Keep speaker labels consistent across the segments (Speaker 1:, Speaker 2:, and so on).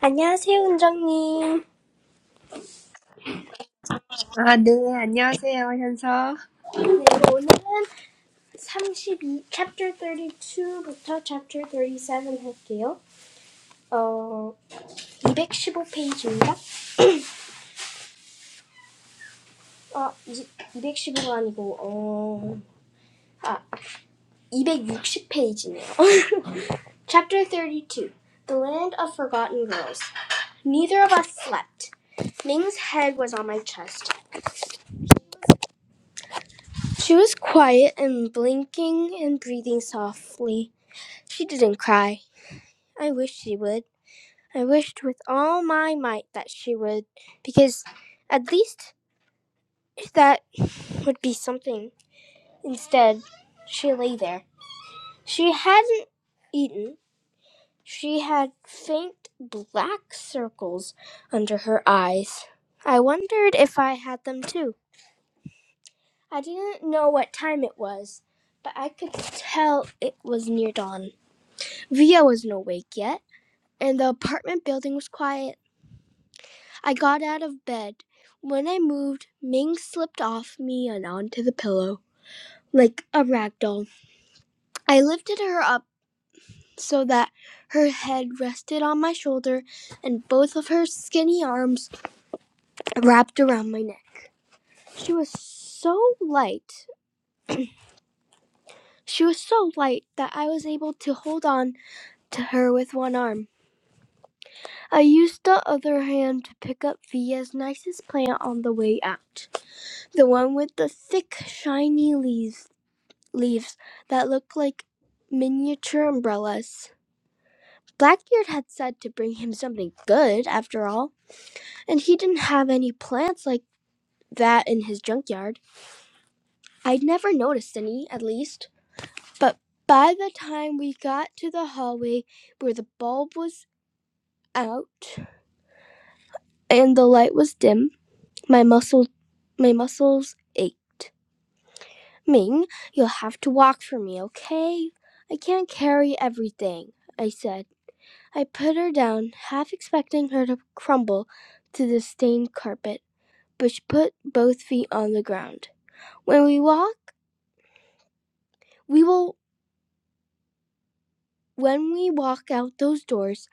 Speaker 1: 안녕하세요, 은정님. 네,
Speaker 2: 아, 네, 안녕하세요, 현서.
Speaker 1: 오늘은 32, chapter two부터 chapter 37 할게요. 어, 이백십오 페이지인가? 어, 215가 아니고, 어, 아, 이백육십 페이지네요. chapter 32, The Land of Forgotten Girls. Neither of us slept. Ming's head was on my chest. She was quiet and blinking and breathing softly. She didn't cry. I wished she would. I wished with all my might that she would, because at least that would be something. Instead, she lay there. She hadn't eaten. She had faint black circles under her eyes. I wondered if I had them too. I didn't know what time it was, but I could tell it was near dawn. Via wasn't awake yet, and the apartment building was quiet. I got out of bed. When I moved, Ming slipped off me and onto the pillow like a rag doll. I lifted her up so that her head rested on my shoulder and both of her skinny arms wrapped around my neck. She was so light. She was so light that I was able to hold on to her with one arm. I used the other hand to pick up Via's nicest plant on the way out, the one with the thick, shiny leaves. leaves that looked like miniature umbrellas. Blackbeard had said to bring him something good, after all, and he didn't have any plants like that in his junkyard. I'd never noticed any, at least. But by the time we got to the hallway where the bulb was out and the light was dim, my muscles my muscles ached. Ming, you'll have to walk for me, okay? I can't carry everything, I said. I put her down, half expecting her to crumble to the stained carpet, but she put both feet on the ground. When we walk, we will when we walk out those doors,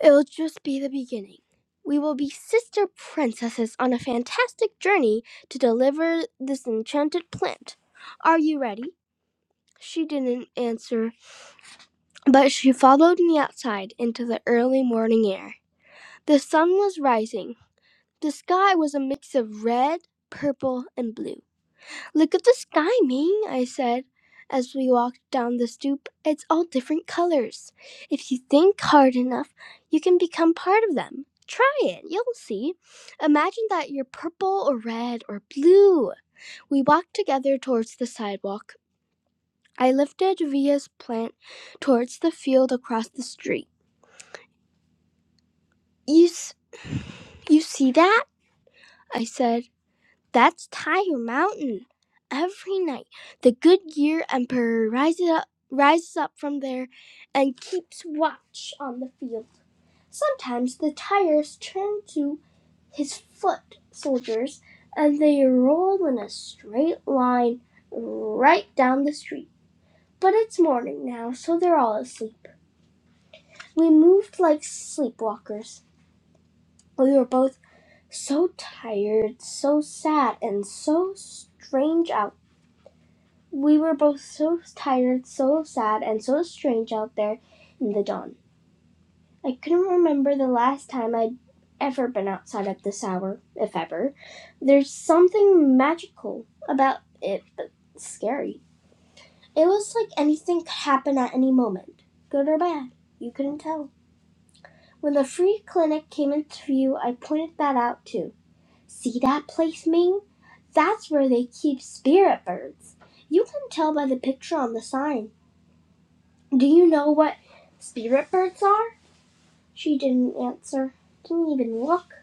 Speaker 1: it'll just be the beginning. We will be sister princesses on a fantastic journey to deliver this enchanted plant. Are you ready? She didn't answer, but she followed me outside into the early morning air. The sun was rising, The sky was a mix of red, purple, and blue. Look at the sky, Ming, I said as we walked down the stoop. It's all different colors. If you think hard enough, you can become part of them. Try it, you'll see. Imagine that you're purple or red or blue. We walked together towards the sidewalk. I lifted Via's plant towards the field across the street. You, s- you see that? I said That's Tire Mountain. Every night, the Goodyear Emperor rises up, rises up from there and keeps watch on the field. Sometimes the tires turn to his foot soldiers and they roll in a straight line right down the street. But it's morning now, so they're all asleep. We moved like sleepwalkers. We were both so tired, so sad, and so strange out We were both so tired, so sad, and so strange out there in the dawn. I couldn't remember the last time I'd ever been outside at this hour, if ever. There's something magical about it, but scary. It was like anything could happen at any moment, good or bad. You couldn't tell. When the free clinic came into view, I pointed that out too. See that place, Ming? That's where they keep spirit birds. You can tell by the picture on the sign. Do you know what spirit birds are? She didn't answer, didn't even look.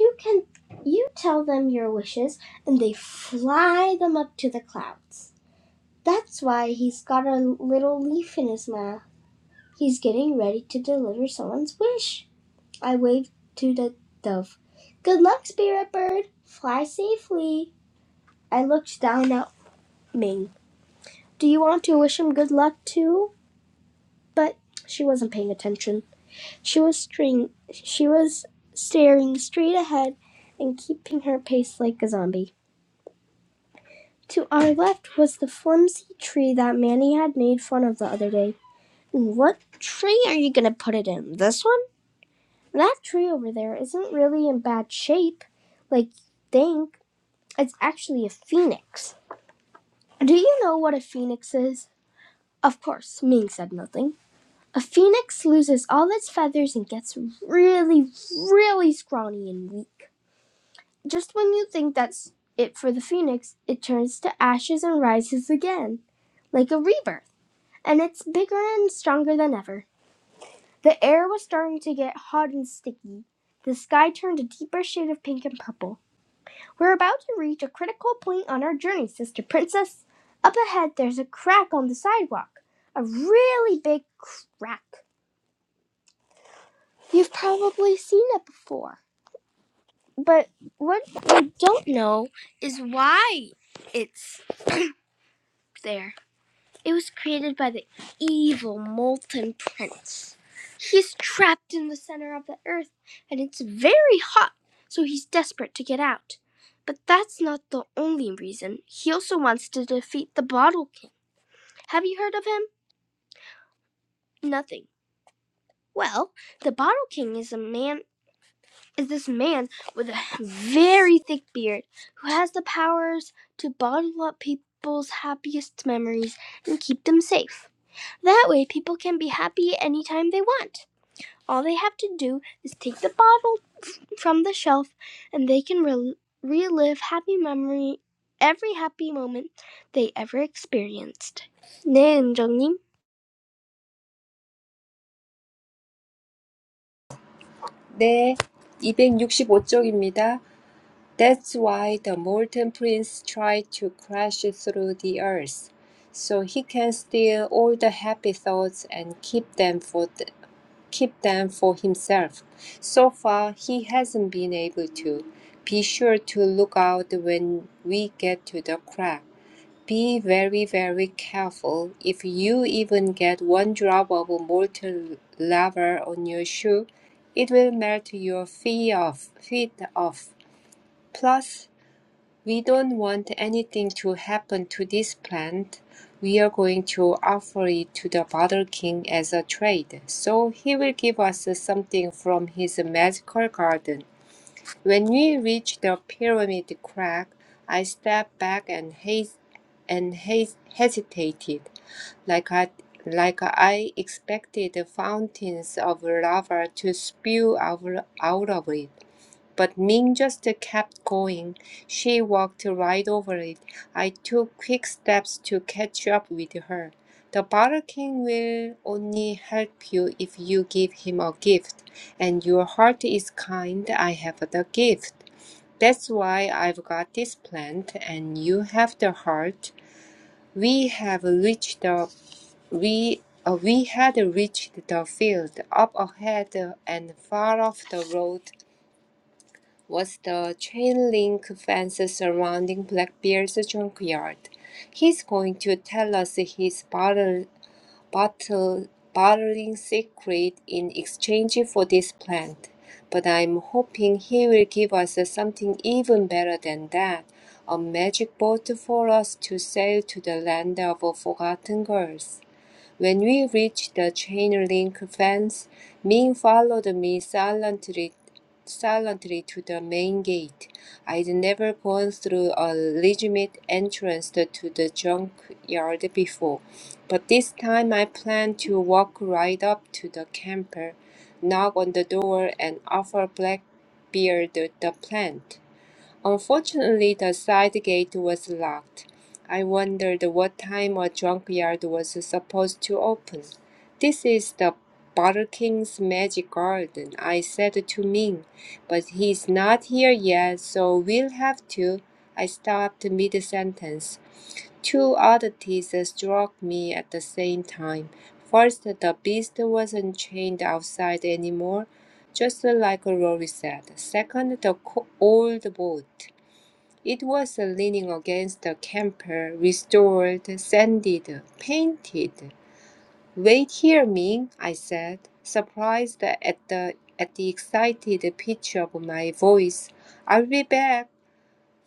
Speaker 1: You can you tell them your wishes and they fly them up to the clouds. That's why he's got a little leaf in his mouth. He's getting ready to deliver someone's wish. I waved to the dove. Good luck, spirit bird. Fly safely. I looked down at Ming. Do you want to wish him good luck too? But she wasn't paying attention. She was string she was staring straight ahead and keeping her pace like a zombie. To our left was the flimsy tree that Manny had made fun of the other day. What tree are you gonna put it in? This one? That tree over there isn't really in bad shape, like you think. It's actually a phoenix. Do you know what a phoenix is? Of course, Ming said nothing. A phoenix loses all its feathers and gets really, really scrawny and weak. Just when you think that's it for the phoenix, it turns to ashes and rises again, like a rebirth, and it's bigger and stronger than ever. The air was starting to get hot and sticky. The sky turned a deeper shade of pink and purple. We're about to reach a critical point on our journey, Sister Princess. Up ahead, there's a crack on the sidewalk. A really big crack. You've probably seen it before. But what I don't know is why it's there. It was created by the evil Molten Prince. He's trapped in the center of the earth, and it's very hot, so he's desperate to get out. But that's not the only reason. He also wants to defeat the Bottle King. Have you heard of him? Nothing. Well, the Bottle King is a man is this man with a very thick beard who has the powers to bottle up people's happiest memories and keep them safe. That way, people can be happy anytime they want. All they have to do is take the bottle from the shelf and they can rel relive happy memory every happy moment they ever experienced. 네, 은정님.
Speaker 2: 네, 265쪽입니다. That's why the molten prince tried to crash through the earth, so he can steal all the happy thoughts and keep them for the, keep them for himself. So far, he hasn't been able to. Be sure to look out when we get to the crack. Be very, very careful. If you even get one drop of molten lava on your shoe, it will melt your feet off. Feet off. Plus, we don't want anything to happen to this plant. We are going to offer it to the Butter King as a trade, so he will give us something from his magical garden. When we reached the pyramid crack, I stepped back and hes- and hes- hesitated, like I like I expected fountains of lava to spew out, out of it. But Ming just kept going. She walked right over it. I took quick steps to catch up with her. The Butter King will only help you if you give him a gift, and your heart is kind. I have the gift. That's why I've got this plant, and you have the heart. We have reached the we uh, we had reached the field. Up ahead and far off the road was the chain link fence surrounding Blackbeard's junkyard. He's going to tell us his battle bottle, bottling secret in exchange for this plant. But I'm hoping he will give us something even better than that a magic boat for us to sail to the land of forgotten girls. When we reached the chain link fence, Ming followed me silently, silently to the main gate. I'd never gone through a legitimate entrance to the junkyard before, but this time I planned to walk right up to the camper, knock on the door, and offer Blackbeard the plant. Unfortunately, the side gate was locked. I wondered what time a junkyard was supposed to open. This is the Butter King's magic garden, I said to Ming, but he's not here yet, so we'll have to. I stopped mid sentence. Two oddities struck me at the same time. First, the beast wasn't chained outside anymore, just like Rory said. Second, the old boat. It was leaning against the camper, restored, sanded, painted. Wait here, Ming, I said, surprised at the at the excited pitch of my voice. I'll be back.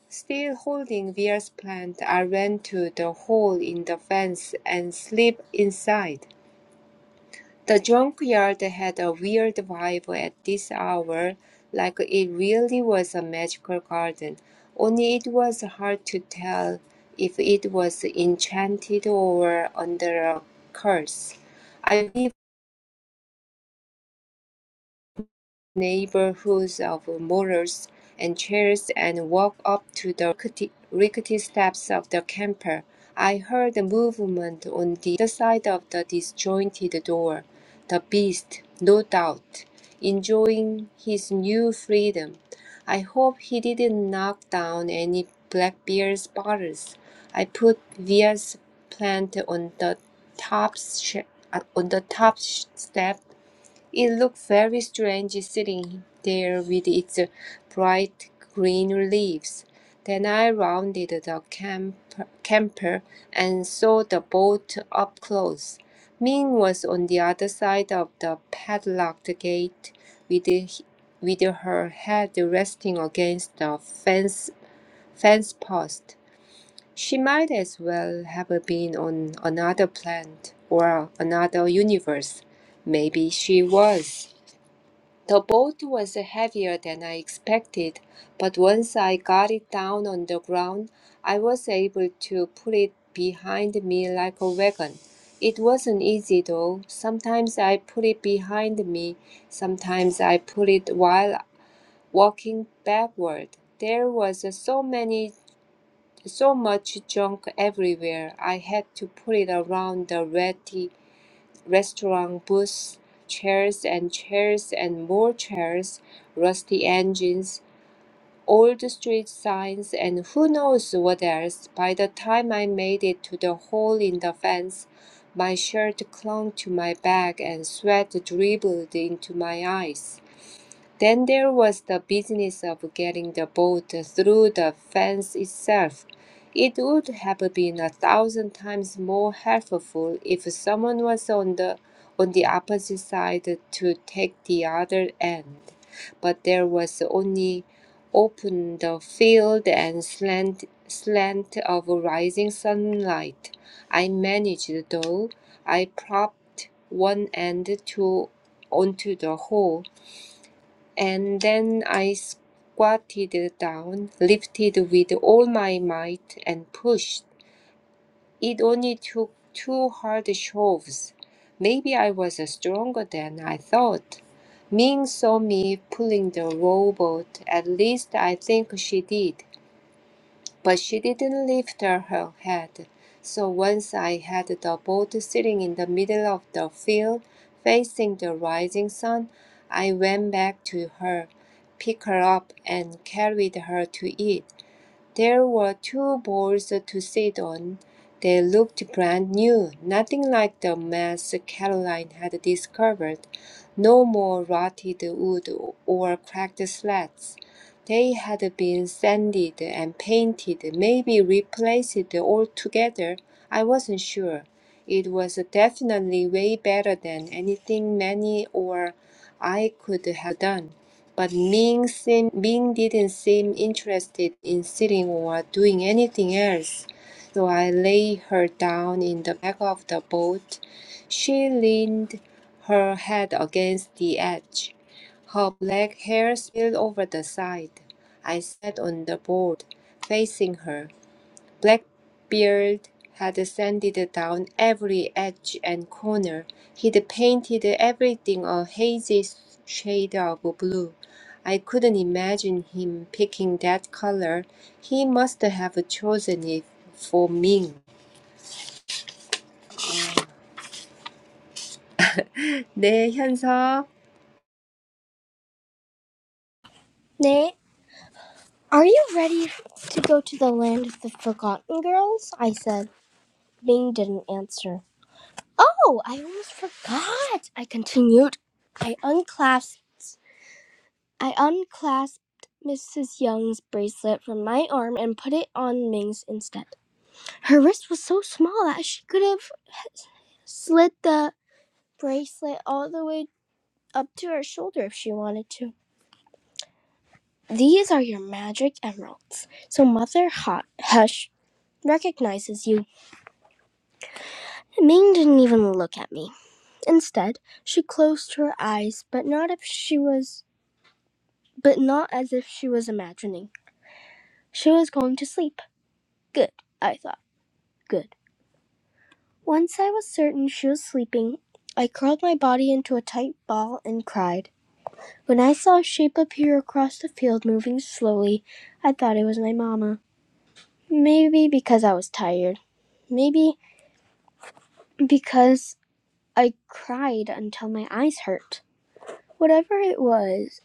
Speaker 2: Still holding Veer's plant, I ran to the hole in the fence and slipped inside. The junkyard had a weird vibe at this hour, like it really was a magical garden, only it was hard to tell if it was enchanted or under a curse. I've neighborhoods of motors and chairs and walked up to the rickety, rickety steps of the camper. I heard a movement on the other side of the disjointed door. The beast, no doubt, enjoying his new freedom. I hope he didn't knock down any Blackbeard's bottles. I put Via's plant on the top sh- uh, on the top sh- step it looked very strange sitting there with its bright green leaves. Then I rounded the camp- camper and saw the boat up close. Ming was on the other side of the padlocked gate with, h- with her head resting against the fence, fence post. She might as well have been on another planet or another universe. Maybe she was. The boat was heavier than I expected, but once I got it down on the ground, I was able to put it behind me like a wagon. It wasn't easy though. Sometimes I put it behind me, sometimes I put it while walking backward. There was so many so much junk everywhere. I had to put it around the ratty restaurant booths, chairs and chairs and more chairs, rusty engines, old street signs, and who knows what else. By the time I made it to the hole in the fence, my shirt clung to my back and sweat dribbled into my eyes. Then there was the business of getting the boat through the fence itself. It would have been a thousand times more helpful if someone was on the on the opposite side to take the other end. But there was only open the field and slant slant of rising sunlight. I managed though. I propped one end to onto the hole and then I squatted down, lifted with all my might, and pushed. It only took two hard shoves. Maybe I was stronger than I thought. Ming saw me pulling the rowboat. At least I think she did but she didn't lift her head. So once I had the boat sitting in the middle of the field, facing the rising sun, I went back to her, picked her up, and carried her to it. There were two boards to sit on. They looked brand new, nothing like the mess Caroline had discovered. No more rotted wood or cracked slats. They had been sanded and painted, maybe replaced altogether. I wasn't sure. It was definitely way better than anything Manny or I could have done. But Ming, seem, Ming didn't seem interested in sitting or doing anything else, so I laid her down in the back of the boat. She leaned her head against the edge. Her black hair spilled over the side. I sat on the board, facing her. Blackbeard had sanded down every edge and corner; he'd painted everything a hazy shade of blue. I couldn't imagine him picking that color. He must have chosen it for Ming. 네, 현서.
Speaker 1: 네. Are you ready to go to the land of the forgotten girls? I said. Bing didn't answer. Oh, I almost forgot, I continued. I unclasped I unclasped Mrs. Young's bracelet from my arm and put it on Ming's instead. Her wrist was so small that she could have slid the bracelet all the way up to her shoulder if she wanted to. These are your magic emeralds, so Mother Hot Hush recognizes you. Ming didn't even look at me. Instead, she closed her eyes, but not if she was but not as if she was imagining. She was going to sleep. Good, I thought. Good. Once I was certain she was sleeping, I curled my body into a tight ball and cried. When I saw a shape appear across the field moving slowly, I thought it was my mamma. Maybe because I was tired. Maybe because I cried until my eyes hurt. Whatever it was,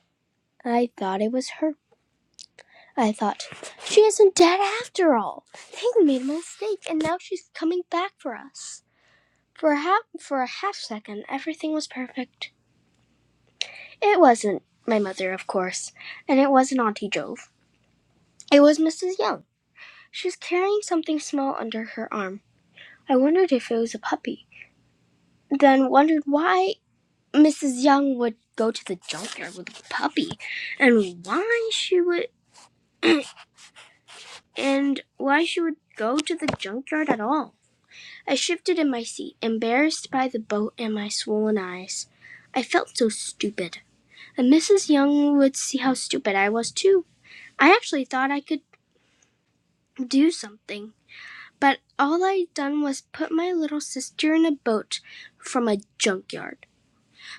Speaker 1: I thought it was her. I thought, she isn't dead after all. They made a mistake, and now she's coming back for us. For a, half, for a half second, everything was perfect. It wasn't my mother, of course, and it wasn't Auntie Jove. It was Mrs. Young. She was carrying something small under her arm. I wondered if it was a puppy, then wondered why Mrs. Young would go to the junkyard with a puppy, and why she would and why she would go to the junkyard at all. I shifted in my seat, embarrassed by the boat and my swollen eyes. I felt so stupid. And Mrs. Young would see how stupid I was too. I actually thought I could do something. But all I done was put my little sister in a boat from a junkyard.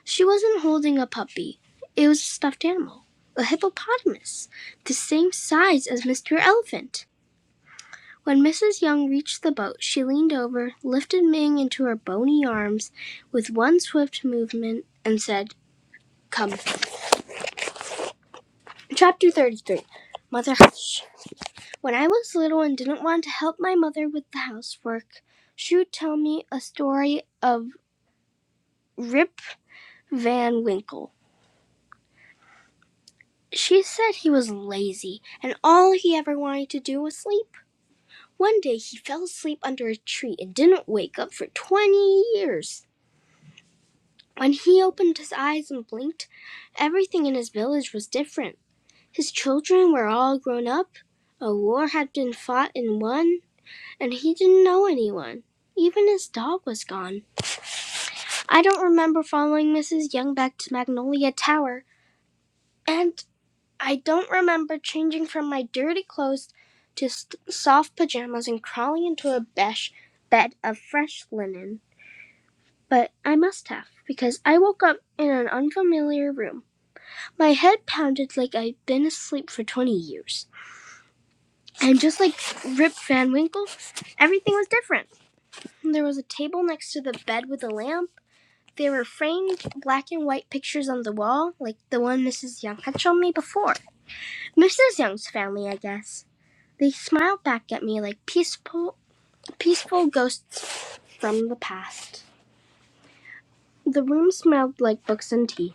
Speaker 1: She wasn't holding a puppy. It was a stuffed animal, a hippopotamus, the same size as Mr. Elephant. When Mrs. Young reached the boat, she leaned over, lifted Ming into her bony arms with one swift movement, and said, Come. Chapter 33 Mother Hush. When I was little and didn't want to help my mother with the housework, she would tell me a story of Rip Van Winkle. She said he was lazy and all he ever wanted to do was sleep. One day he fell asleep under a tree and didn't wake up for 20 years. When he opened his eyes and blinked, everything in his village was different. His children were all grown up, a war had been fought and won, and he didn't know anyone. Even his dog was gone. I don't remember following Mrs. Young back to Magnolia Tower, and I don't remember changing from my dirty clothes to st- soft pajamas and crawling into a besh bed of fresh linen. But I must have, because I woke up in an unfamiliar room. My head pounded like I'd been asleep for 20 years. And just like Rip Van Winkle, everything was different. There was a table next to the bed with a lamp There were framed black and white pictures on the wall, like the one Mrs. Young had shown me before. Mrs. Young's family, I guess. They smiled back at me like peaceful, peaceful ghosts from the past. The room smelled like books and tea.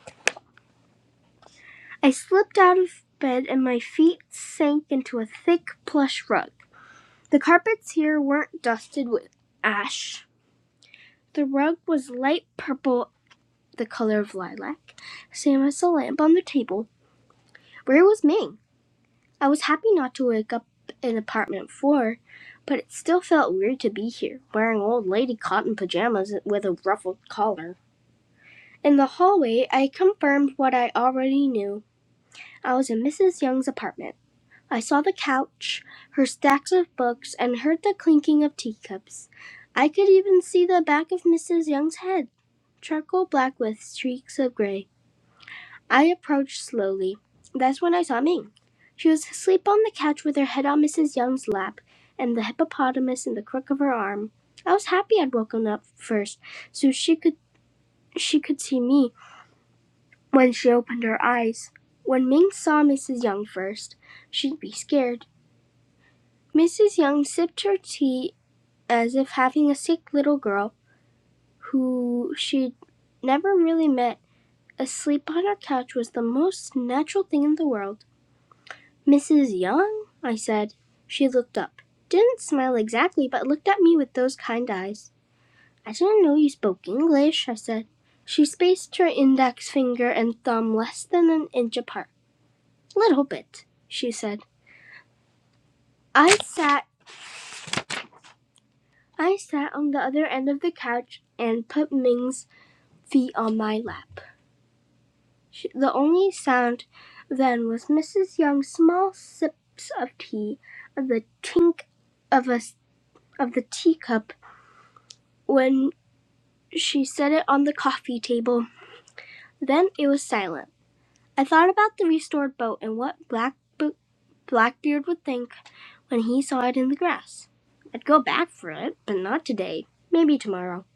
Speaker 1: I slipped out of bed and my feet sank into a thick plush rug. The carpets here weren't dusted with ash. The rug was light purple, the color of lilac, same as the lamp on the table. Where was Ming? I was happy not to wake up in apartment four, but it still felt weird to be here, wearing old lady cotton pajamas with a ruffled collar. In the hallway, I confirmed what I already knew. I was in Mrs. Young's apartment. I saw the couch, her stacks of books, and heard the clinking of teacups. I could even see the back of Mrs. Young's head, charcoal black with streaks of gray. I approached slowly. That's when I saw Ming. She was asleep on the couch with her head on Mrs. Young's lap and the hippopotamus in the crook of her arm. I was happy I'd woken up first, so she could she could see me when she opened her eyes. When Ming saw Mrs. Young first, she'd be scared. Mrs. Young sipped her tea as if having a sick little girl who she'd never really met asleep on her couch was the most natural thing in the world. "Mrs. Young?" I said. She looked up didn't smile exactly, but looked at me with those kind eyes. "I didn't know you spoke English," I said. She spaced her index finger and thumb less than an inch apart. "Little bit," she said. I sat I sat on the other end of the couch and put Ming's feet on my lap. She, The only sound then was Mrs. Young's small sips of tea and the tink of a of the teacup when She set it on the coffee table. Then it was silent. I thought about the restored boat and what Black Bo- Blackbeard would think when he saw it in the grass. I'd go back for it, but not today. Maybe tomorrow.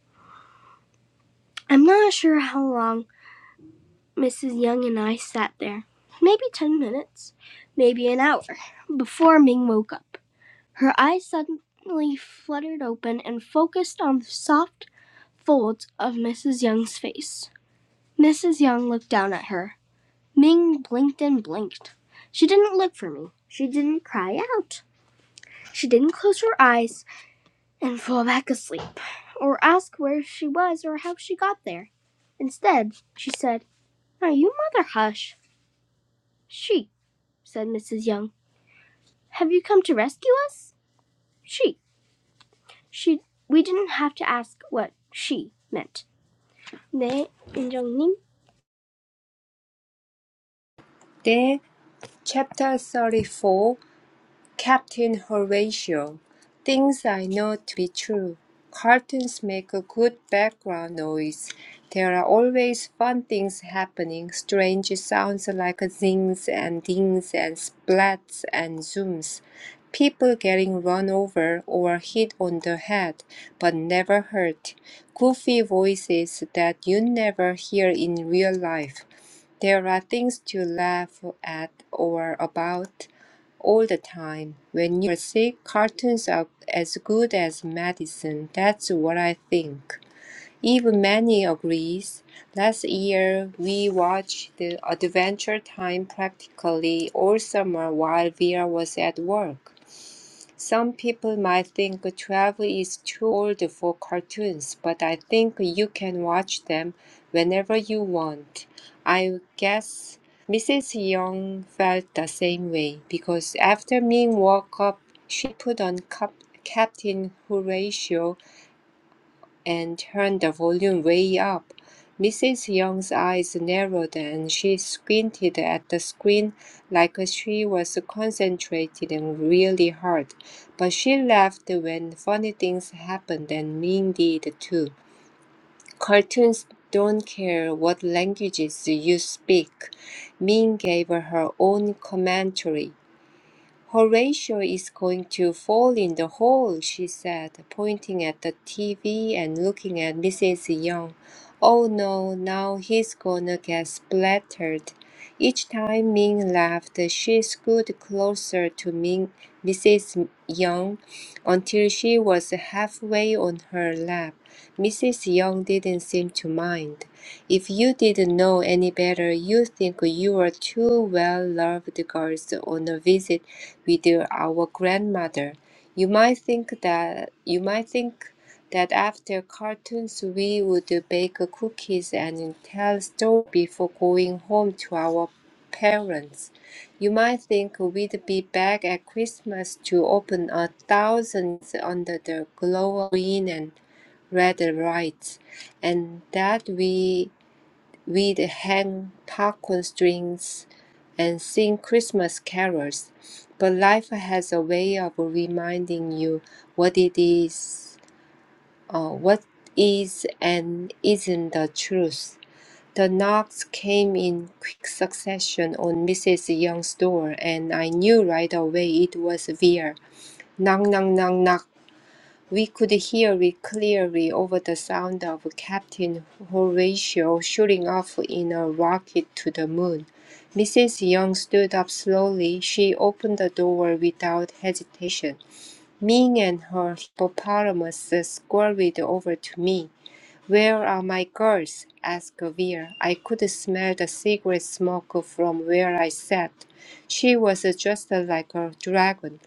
Speaker 1: I'm not sure how long Mrs. Young and I sat there. Maybe ten minutes, maybe an hour, before Ming woke up. Her eyes suddenly fluttered open and focused on the soft folds of Mrs. Young's face. Mrs. Young looked down at her. Ming blinked and blinked. She didn't look for me. She didn't cry out. She didn't close her eyes and fall back asleep or ask where she was or how she got there. Instead, she said, Now you mother hush. She, said Mrs. Young. Have you come to rescue us? She. She we didn't have to ask what she meant. 네, 인정님.
Speaker 2: 네, chapter 34. Captain Horatio things I know to be true. Cartoons make a good background noise. There are always fun things happening, strange sounds like zings and dings and splats and zooms, people getting run over or hit on the head, but never hurt, goofy voices that you never hear in real life. There are things to laugh at or about, all the time. When you're sick, cartoons are as good as medicine. That's what I think. Even Manny agrees. Last year, we watched the Adventure Time practically all summer while Vera was at work. Some people might think 12 is too old for cartoons, but I think you can watch them whenever you want. I guess Mrs. Young felt the same way because after Ming woke up, she put on Cap- Captain Horatio and turned the volume way up. Mrs. Young's eyes narrowed and she squinted at the screen like she was concentrating really hard. But she laughed when funny things happened and Ming did too. Cartoons don't care what languages you speak. Ming gave her own commentary. Horatio is going to fall in the hole, she said, pointing at the TV and looking at Mrs. Young. Oh no, now he's gonna get splattered. Each time Ming laughed, she scooted closer to Ming, Mrs. Young until she was halfway on her lap. Mrs. Young didn't seem to mind. If you didn't know any better, you would think you were two well-loved girls on a visit with our grandmother. You might think that you might think that after cartoons we would bake cookies and tell stories before going home to our parents. You might think we'd be back at Christmas to open a thousand under the glow of green and red lights, and that we We'd hang popcorn strings and sing Christmas carols, but life has a way of reminding you what it is, uh, what is and isn't the truth. The knocks came in quick succession on Mrs. Young's door, and I knew right away it was Vera. Knock, knock, knock, knock. We could hear it clearly over the sound of Captain Horatio shooting off in a rocket to the moon. Mrs. Young stood up slowly. She opened the door without hesitation. Ming and her hippopotamus scurried over to me. Where are my girls? asked Vera. I could smell the cigarette smoke from where I sat. She was just like a dragon.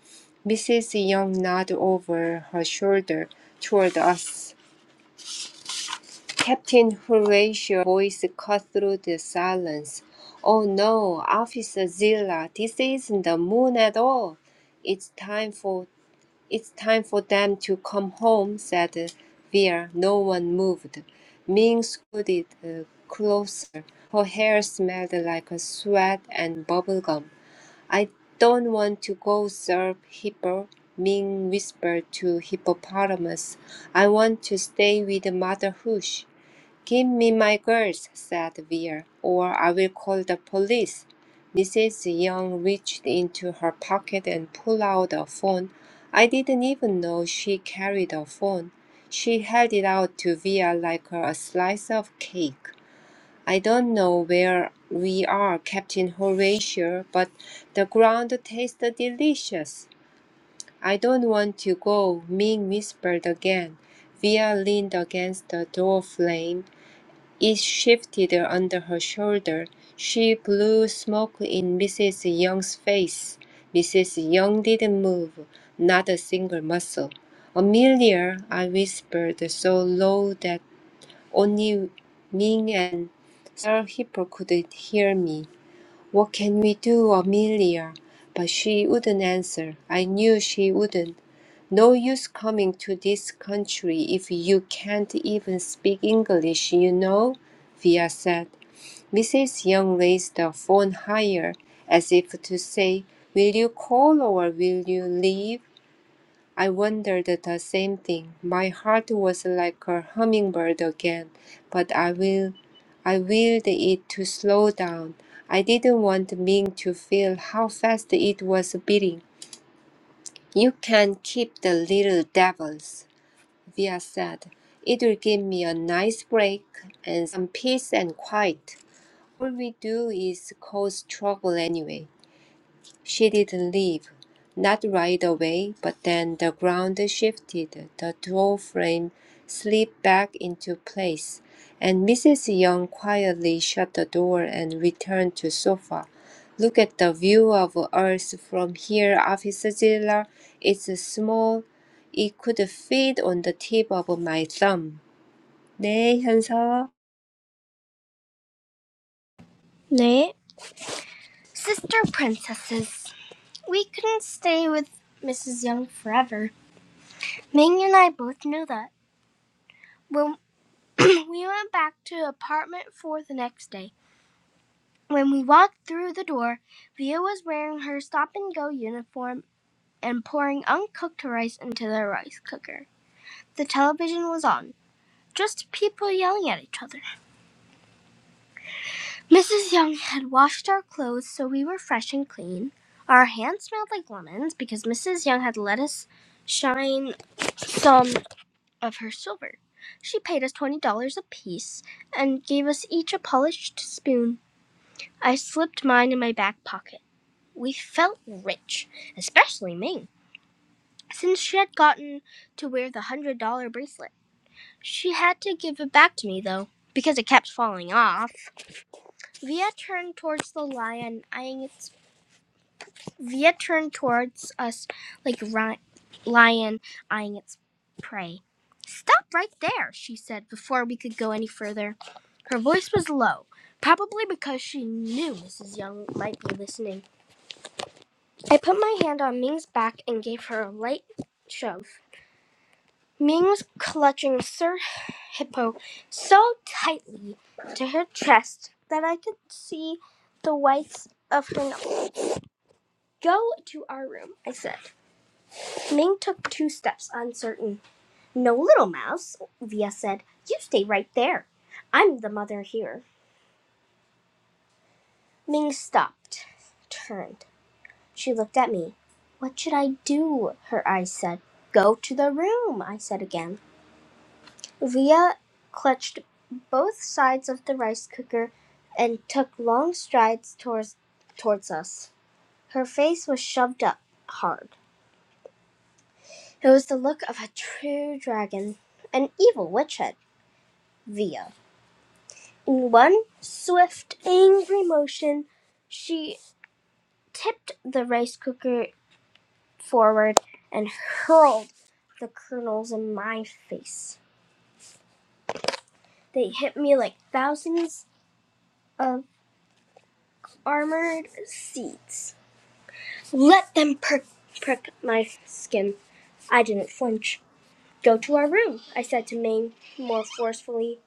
Speaker 2: Mrs. Young nodded over her shoulder toward us. Captain Horatio's voice cut through the silence. Oh no, Officer Zilla, this isn't the moon at all. It's time for it's time for them to come home, said uh, Vera. No one moved. Ming scooted uh, closer. Her hair smelled like sweat and bubblegum. I don't want to go, sir, Hippo, Ming whispered to Hippopotamus. I want to stay with Mother Hoosh. Give me my girls, said Vera. or I will call the police. Mrs. Young reached into her pocket and pulled out a phone. I didn't even know she carried a phone. She held it out to Vera like a slice of cake. I don't know where we are, Captain Horatio, but the ground tastes delicious. I don't want to go, Ming whispered again. Vera leaned against the door frame it shifted under her shoulder. She blew smoke in Mrs. Young's face. Mrs. Young didn't move, not a single muscle. Amelia, I whispered so low that only Ming and Sir Hippo could hear me. What can we do, Amelia? But she wouldn't answer. I knew she wouldn't. No use coming to this country if you can't even speak English, you know, Via said. Mrs. Young raised the phone higher, as if to say, Will you call or will you leave? I wondered the same thing. My heart was like a hummingbird again, but I will I willed it to slow down. I didn't want Ming to feel how fast it was beating. You can keep the little devils, Via said. It will give me a nice break and some peace and quiet. All we do is cause trouble anyway. She didn't leave, not right away, but then the ground shifted, the door frame slipped back into place, and Mrs. Young quietly shut the door and returned to sofa. Look at the view of Earth from here, Officer Zilla. It's small. It could fit on the tip of my thumb. 네, 현서.
Speaker 1: 네. Sister princesses. We couldn't stay with Mrs. Young forever. Ming and I both knew that. When we went back to apartment four the next day, when we walked through the door, Via was wearing her stop and go uniform and pouring uncooked rice into the rice cooker. The television was on, just people yelling at each other. Mrs. Young had washed our clothes so we were fresh and clean. Our hands smelled like lemons because Mrs. Young had let us shine some of her silver. She paid us $20 apiece and gave us each a polished spoon. I slipped mine in my back pocket. We felt rich, especially me, since she had gotten to wear the one hundred dollar bracelet. She had to give it back to me, though, because it kept falling off. Via turned towards the lion, eyeing its. Via turned towards us like ri- lion eyeing its prey. Stop right there, she said before we could go any further. Her voice was low, probably because she knew Mrs. Young might be listening. I put my hand on Ming's back and gave her a light shove. Ming was clutching Sir Hippo so tightly to her chest that I could see the whites of her nose. Go to our room, I said. Ming took two steps, uncertain. No, little mouse, Via said. You stay right there. I'm the mother here. Ming stopped, turned. She looked at me. What should I do? Her eyes said. Go to the room, I said again. Leah clutched both sides of the rice cooker and took long strides towards, towards us. Her face was shoved up hard. It was the look of a true dragon, an evil witch had Via. In one swift, angry motion, she tipped the rice cooker forward and hurled the kernels in my face. They hit me like thousands of armored seeds. Let them prick, prick my skin. I didn't flinch. Go to our room, I said to Mame more forcefully.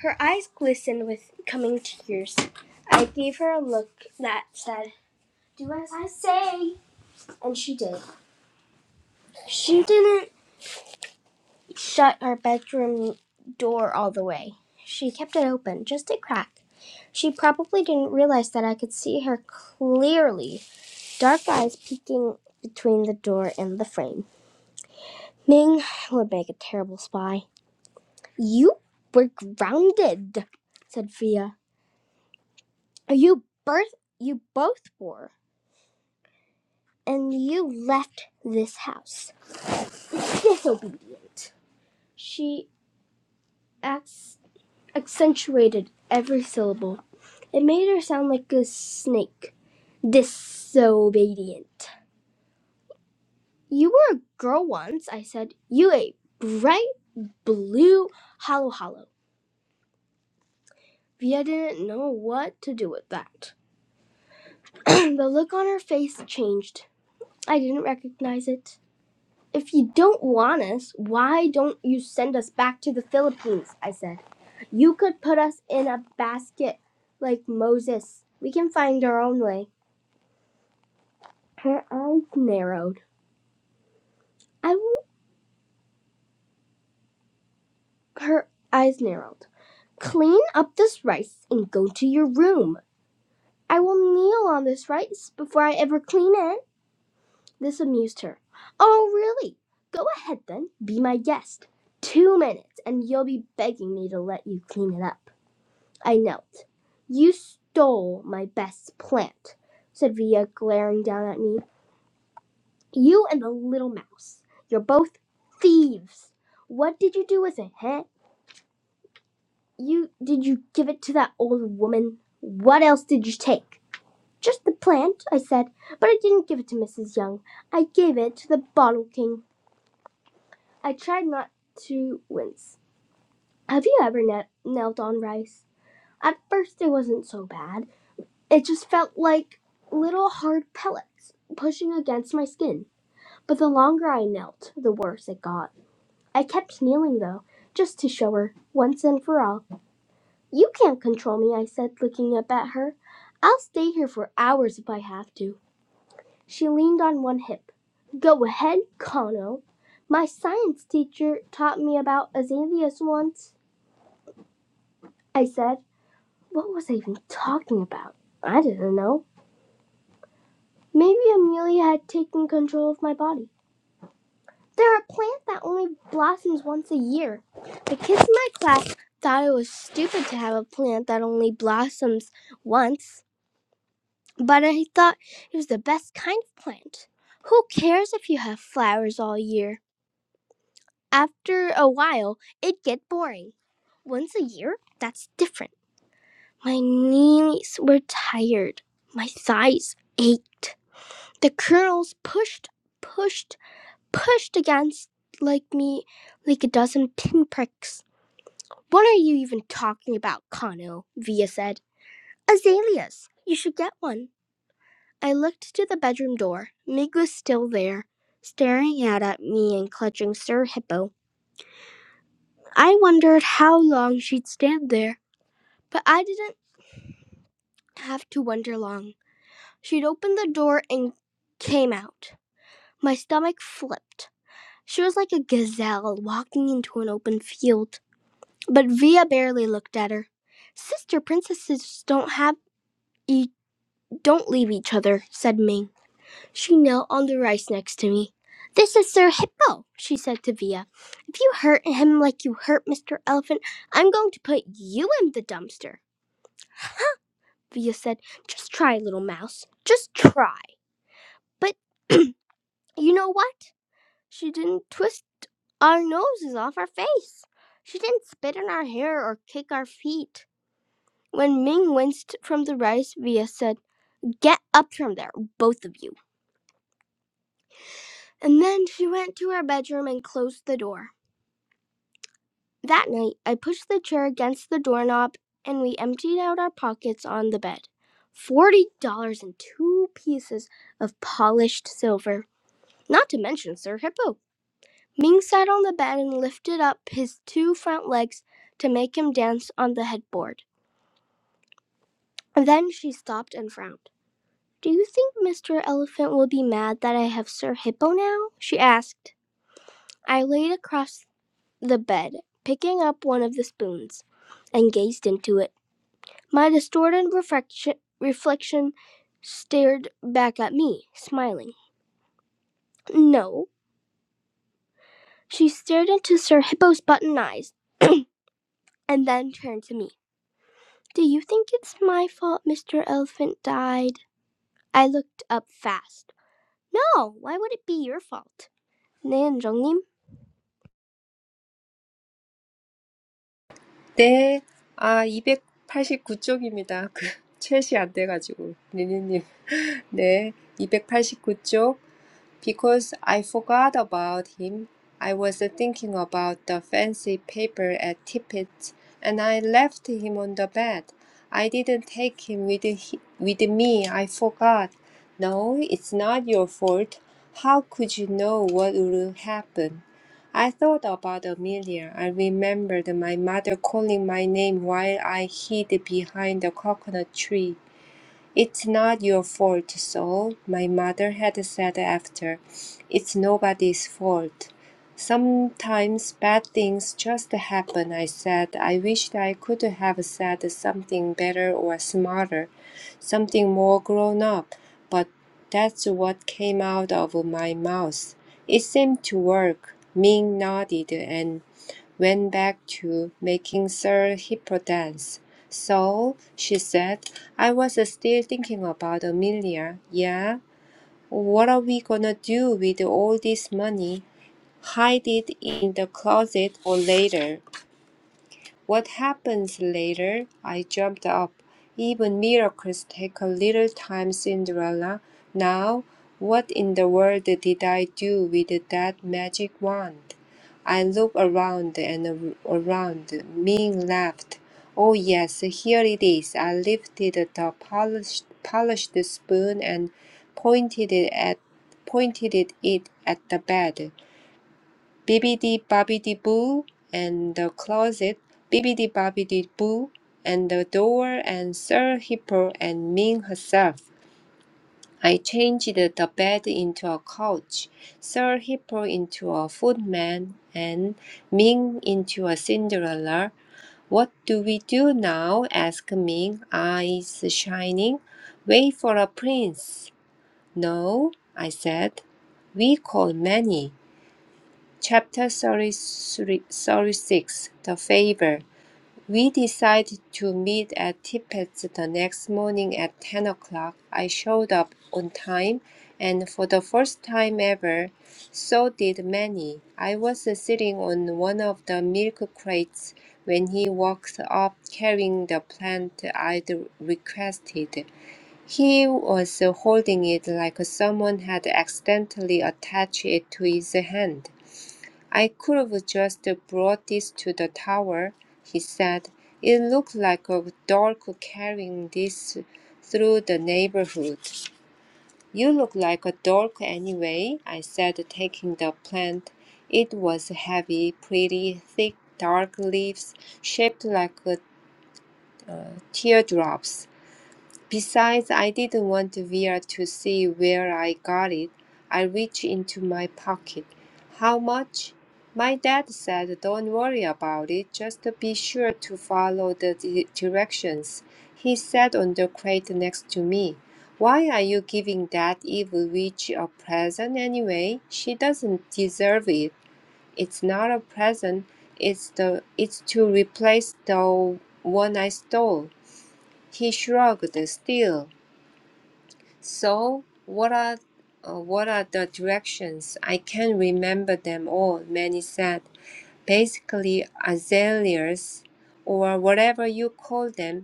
Speaker 1: Her eyes glistened with coming tears. I gave her a look that said, Do as I say, and she did. She didn't shut our bedroom door all the way. She kept it open, just a crack. She probably didn't realize that I could see her clearly, dark eyes peeking between the door and the frame. Ning would make a terrible spy. You were grounded, said Fia. You birth you both were, and you left this house. Disobedient. She acc- accentuated every syllable. It made her sound like a snake. Disobedient. You were a girl once, I said. You a bright blue hollow hollow. Fia didn't know what to do with that. the look on her face changed. I didn't recognize it. If you don't want us, why don't you send us back to the Philippines? I said. You could put us in a basket like Moses. We can find our own way. Her eyes narrowed. I I w- her eyes narrowed. Clean up this rice and go to your room. I will kneel on this rice before I ever clean it. This amused her. Oh, really? Go ahead then, be my guest. Two minutes, and you'll be begging me to let you clean it up. I knelt. You stole my best plant, said Villa, glaring down at me. You and the little mouse. You're both thieves. What did you do with it, huh? You did you give it to that old woman? What else did you take? Just the plant, I said, but I didn't give it to Mrs. Young. I gave it to the bottle king. I tried not to wince. Have you ever kne- knelt on rice? At first, it wasn't so bad. It just felt like little hard pellets pushing against my skin. But the longer I knelt, the worse it got. I kept kneeling, though, just to show her, once and for all. You can't control me, I said, looking up at her. I'll stay here for hours if I have to. She leaned on one hip. Go ahead, Kano. My science teacher taught me about azaleas once. I said. What was I even talking about? I didn't know. Maybe Amelia had taken control of my body. They're a plant that only blossoms once a year. The kids in my class thought it was stupid to have a plant that only blossoms once, but I thought it was the best kind of plant. Who cares if you have flowers all year? After a while, it'd get boring. Once a year? That's different. My knees were tired. My thighs ached. The curls pushed, pushed, pushed against like me like a dozen pinpricks. What are you even talking about, Kano? Via said. Azaleas. You should get one. I looked to the bedroom door. Mig was still there, staring out at me and clutching Sir Hippo. I wondered how long she'd stand there, but I didn't have to wonder long. She'd opened the door and came out. My stomach flipped. She was like a gazelle walking into an open field. But Via barely looked at her. Sister princesses don't have e- don't leave each other, said Ming. She knelt on the rice next to me. This is Sir Hippo, she said to Via. If you hurt him like you hurt Mr. Elephant, I'm going to put you in the dumpster. Via said, Just try, little mouse. Just try. But you know what? She didn't twist our noses off our face. She didn't spit in our hair or kick our feet. When Ming winced from the rice, Via said, Get up from there, both of you. And then she went to her bedroom and closed the door. That night, I pushed the chair against the doorknob and we emptied out our pockets on the bed. Forty dollars and two pieces of polished silver, not to mention Sir Hippo. Ming sat on the bed and lifted up his two front legs to make him dance on the headboard. Then she stopped and frowned. Do you think Mr. Elephant will be mad that I have Sir Hippo now? she asked. I laid across the bed, picking up one of the spoons, and gazed into it. My distorted reflection, reflection stared back at me, smiling. No. She stared into Sir Hippo's button eyes and then turned to me. Do you think it's my fault Mr. Elephant died? I looked up fast. No, why would it be your fault? 네, 은정님.
Speaker 2: 네, 아, 이백팔십구 쪽입니다. 그, 챗이 안 돼가지고, 니니님. 네, 이백팔십구 쪽. Because I forgot about him, I was thinking about the fancy paper at Tippett's, and I left him on the bed. I didn't take him with, he- with me, I forgot. No, it's not your fault. How could you know what would happen? I thought about Amelia. I remembered my mother calling my name while I hid behind the coconut tree. It's not your fault, Saul, my mother had said after. It's nobody's fault. Sometimes bad things just happen, I said. I wished I could have said something better or smarter, something more grown up, but that's what came out of my mouth. It seemed to work. Ming nodded, and went back to making Sir Hippolytus. So, she said, I was still thinking about Amelia. Yeah, what are we gonna do with all this money? Hide it in the closet for later. What happens later? I jumped up. Even miracles take a little time, Cinderella. Now, what in the world did I do with that magic wand? I looked around and ar- around. Ming laughed. Oh, yes, here it is. I lifted the polished, polished spoon and pointed it at pointed it at the bed. Bibbidi Bobbidi Boo and the Closet, Bibbidi Bobbidi Boo and the Door, and Sir Hippo and Ming herself. I changed the bed into a couch, Sir Hippo into a footman, and Ming into a Cinderella. What do we do now? asked Ming, eyes shining. Wait for a prince. No, I said. We call many. Chapter 36 The Favor. We decided to meet at Tippett's the next morning at 10 o'clock. I showed up on time, and for the first time ever, so did Manny. I was sitting on one of the milk crates when he walked up carrying the plant I'd requested. He was holding it like someone had accidentally attached it to his hand. I could've just brought this to the tower, he said. It looked like a dork carrying this through the neighborhood. You look like a dork anyway, I said, taking the plant. It was heavy, pretty, thick, dark leaves shaped like uh, teardrops. Besides, I didn't want Vera to see where I got it. I reached into my pocket. How much? My dad said, Don't worry about it, just be sure to follow the di- directions. He sat on the crate next to me. Why are you giving that evil witch a present anyway? She doesn't deserve it. It's not a present. It's the it's to replace the one I stole. He shrugged still. So, what are uh, what are the directions? I can't remember them all, many said. Basically, azaleas, or whatever you call them,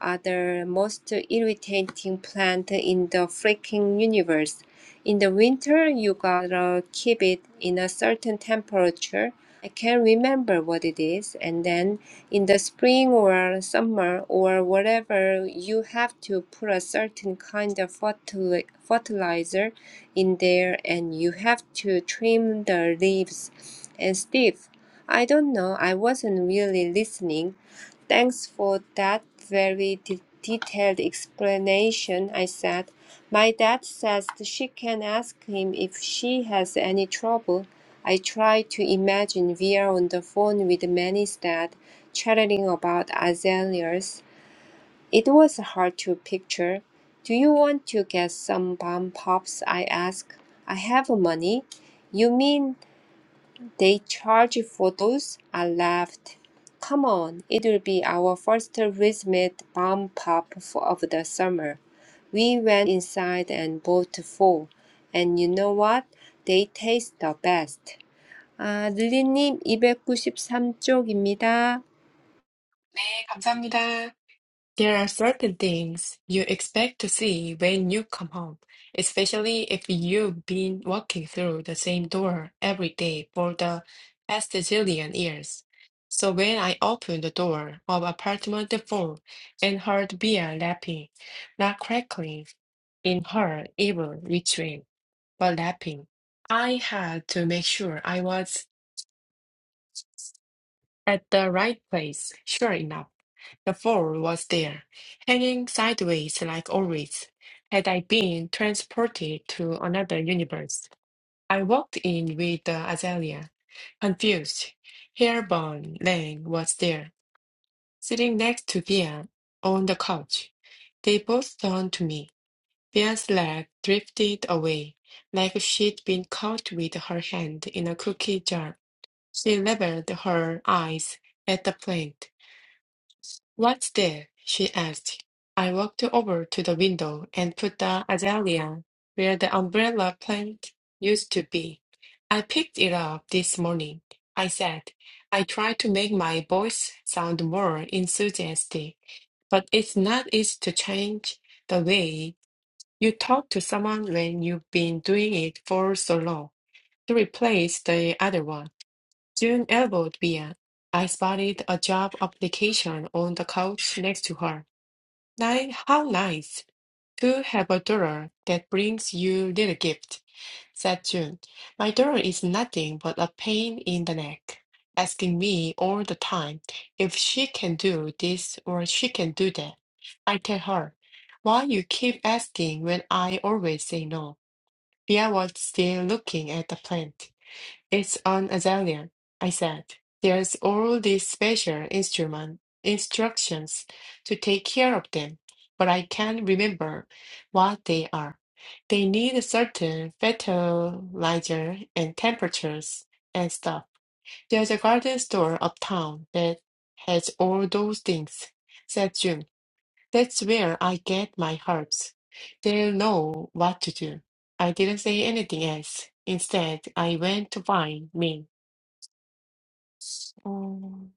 Speaker 2: are the most irritating plant in the freaking universe. In the winter, you gotta keep it in a certain temperature. I can't remember what it is. And then in the spring or summer or whatever, you have to put a certain kind of fertil- fertilizer in there and you have to trim the leaves and stuff. I don't know, I wasn't really listening "Thanks for that very de- detailed explanation," I said. "My dad says that she can ask him if she has any trouble." I try to imagine we are on the phone with Manny's dad, chatting about azaleas. It was hard to picture. "Do you want to get some bomb pops?" I asked. "I have money." "You mean they charge for those. I laughed. Come on, it'll be our first rhythmic bomb pop for, of the summer. We went inside and bought four. And you know what? They taste the best. 아, 릴리님 293쪽입니다.
Speaker 3: 네, 감사합니다. There are certain things you expect to see when you come home, especially if you've been walking through the same door every day for the past zillion years. So when I opened the door of apartment four and heard Bea lapping, not crackling in her evil retreat, but lapping, I had to make sure I was at the right place, sure enough, the fall was there, hanging sideways like always. Had I been transported to another universe, I walked in with the azalea, confused. Hairborn Lang was there, sitting next to Thea on the couch. They both turned to me. Thea's leg drifted away, like she'd been caught with her hand in a cookie jar. She leveled her eyes at the plant. "What's there?" she asked. I walked over to the window and put the azalea where the umbrella plant used to be. "I picked it up this morning," I said. I tried to make my voice sound more enthusiastic, but it's not easy to change the way you talk to someone when you've been doing it for so long. To replace the other one, June elbowed Mia. I spotted a job application on the couch next to her. Ni- How nice to have a dollar that brings you little gift, said June. My dollar is nothing but a pain in the neck, asking me all the time if she can do this or she can do that. I tell her, why you keep asking when I always say no? Bea was still looking at the plant. It's an Azalea, I said. There's all these special instrument instructions to take care of them, but I can't remember what they are. They need a certain fertilizer and temperatures and stuff. There's a garden store uptown that has all those things, said June. That's where I get my herbs. They'll know what to do. I didn't say anything else. Instead, I went to find Ming. Um,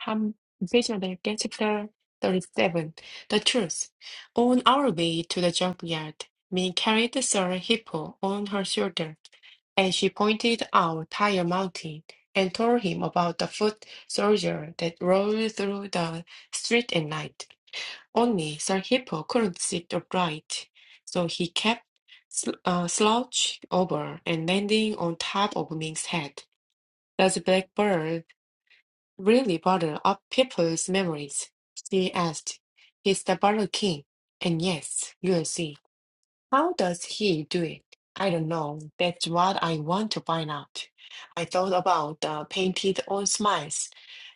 Speaker 3: Ham Vision chapter 37. The truth. On our way to the junkyard, Min carried Sir Hippo on her shoulder, and she pointed out Tire Mountain and told him about the foot soldier that rolled through the street at night. Only Sir Hippo couldn't sit upright, so he kept sl uh, slouching over and landing on top of Ming's head. The blackbird really bother up people's memories? She asked. He's the Burger King. And yes, you'll see. How does he do it? I don't know. That's what I want to find out. I thought about the painted on smiles,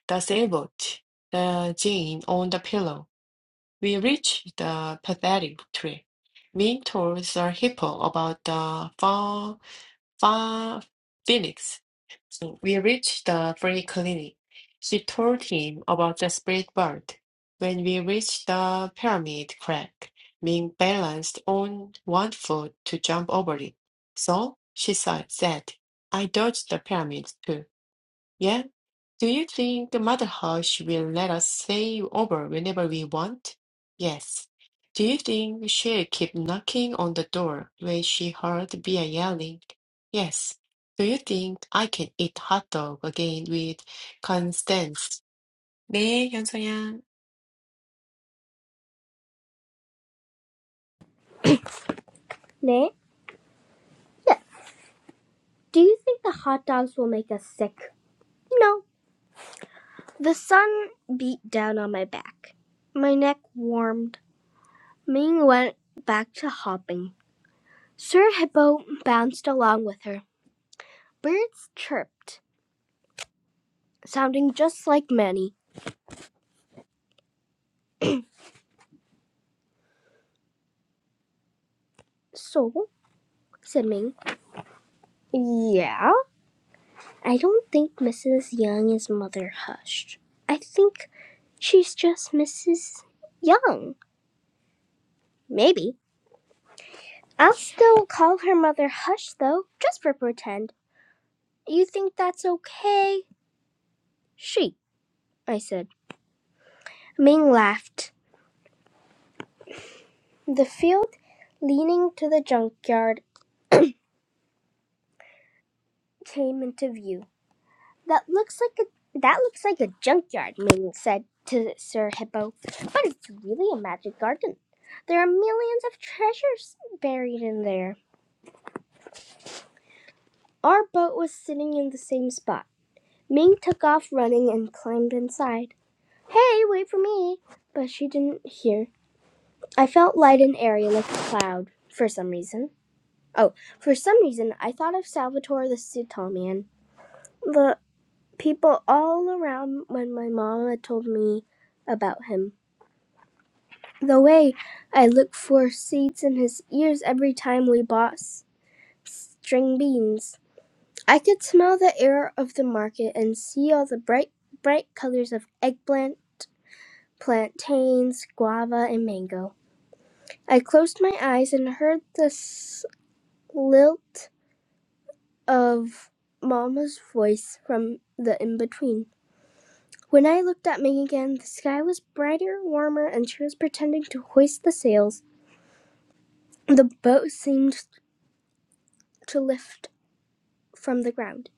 Speaker 3: the sailboat, the gin on the pillow. We reached the pathetic tree. Min told Sir Hippo about the far. Fa- Phoenix. So we reached the free clinic. She told him about the spirit world. When we reached the pyramid crack, Ming balanced on one foot to jump over it. So she said, said, I dodged the pyramid too. yeah." Do you think the motherhouse will let us stay over whenever we want? Yes. Do you think she'll keep knocking on the door when she heard Bea yelling? Yes. Do you think I can eat hot dog again with Constance? 네, 현서양.
Speaker 1: 네? Yes. Do you think the hot dogs will make us sick? No. The sun beat down on my back. My neck warmed. Ming went back to hopping. Sir Hippo bounced along with her. Birds chirped, sounding just like Manny. So, said Ming. Yeah? I don't think Mrs. Young is Mother Hush. I think she's just Mrs. Young. Maybe. I'll still call her Mother Hush, though, just for pretend. You think that's okay? She, I said. Ming laughed. The field leaning to the junkyard came into view. That looks like a that looks like a junkyard, Ming said to Sir Hippo. But it's really a magic garden. There are millions of treasures buried in there. Our boat was sitting in the same spot. Ming took off running and climbed inside. Hey, wait for me! But she didn't hear. I felt light and airy like a cloud for some reason. Oh, for some reason, I thought of Salvatore the Sutall man. The people all around when my mama told me about him. The way I looked for seeds in his ears every time we bought string beans. I could smell the air of the market and see all the bright, bright colors of eggplant, plantains, guava, and mango. I closed my eyes and heard the lilt of Mama's voice from the in between. When I looked at me again, the sky was brighter, warmer, and she was pretending to hoist the sails. The boat seemed to lift from the ground,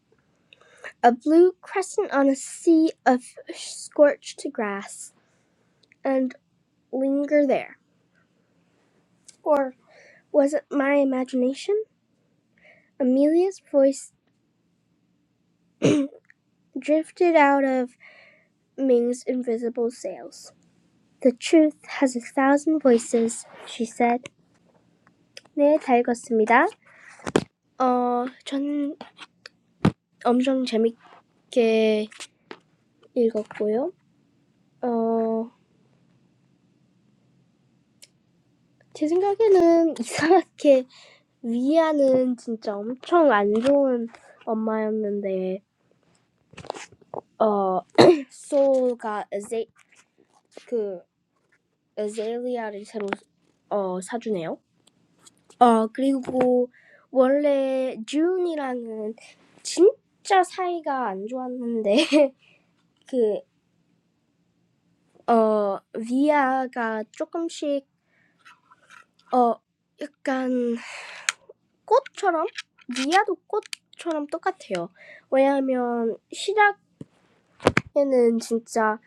Speaker 1: a blue crescent on a sea of scorched grass, and linger there. Or was it my imagination? Amelia's voice drifted out of Ming's invisible sails. The truth has a thousand voices, she said. 네, 다 읽었습니다. 어, 전 엄청 재밌게 읽었고요. 어, 제 생각에는 이상하게 위아는 진짜 엄청 안 좋은 엄마였는데, 어, 소가, 그, 에셀리아를 새로 어, 사주네요. 어, 그리고 원래 듀이랑은 진짜 사이가 안 좋았는데 그 어, 리아가 조금씩 어, 약간 꽃처럼 리아도 꽃처럼 똑같아요. 왜냐하면 시작에는 진짜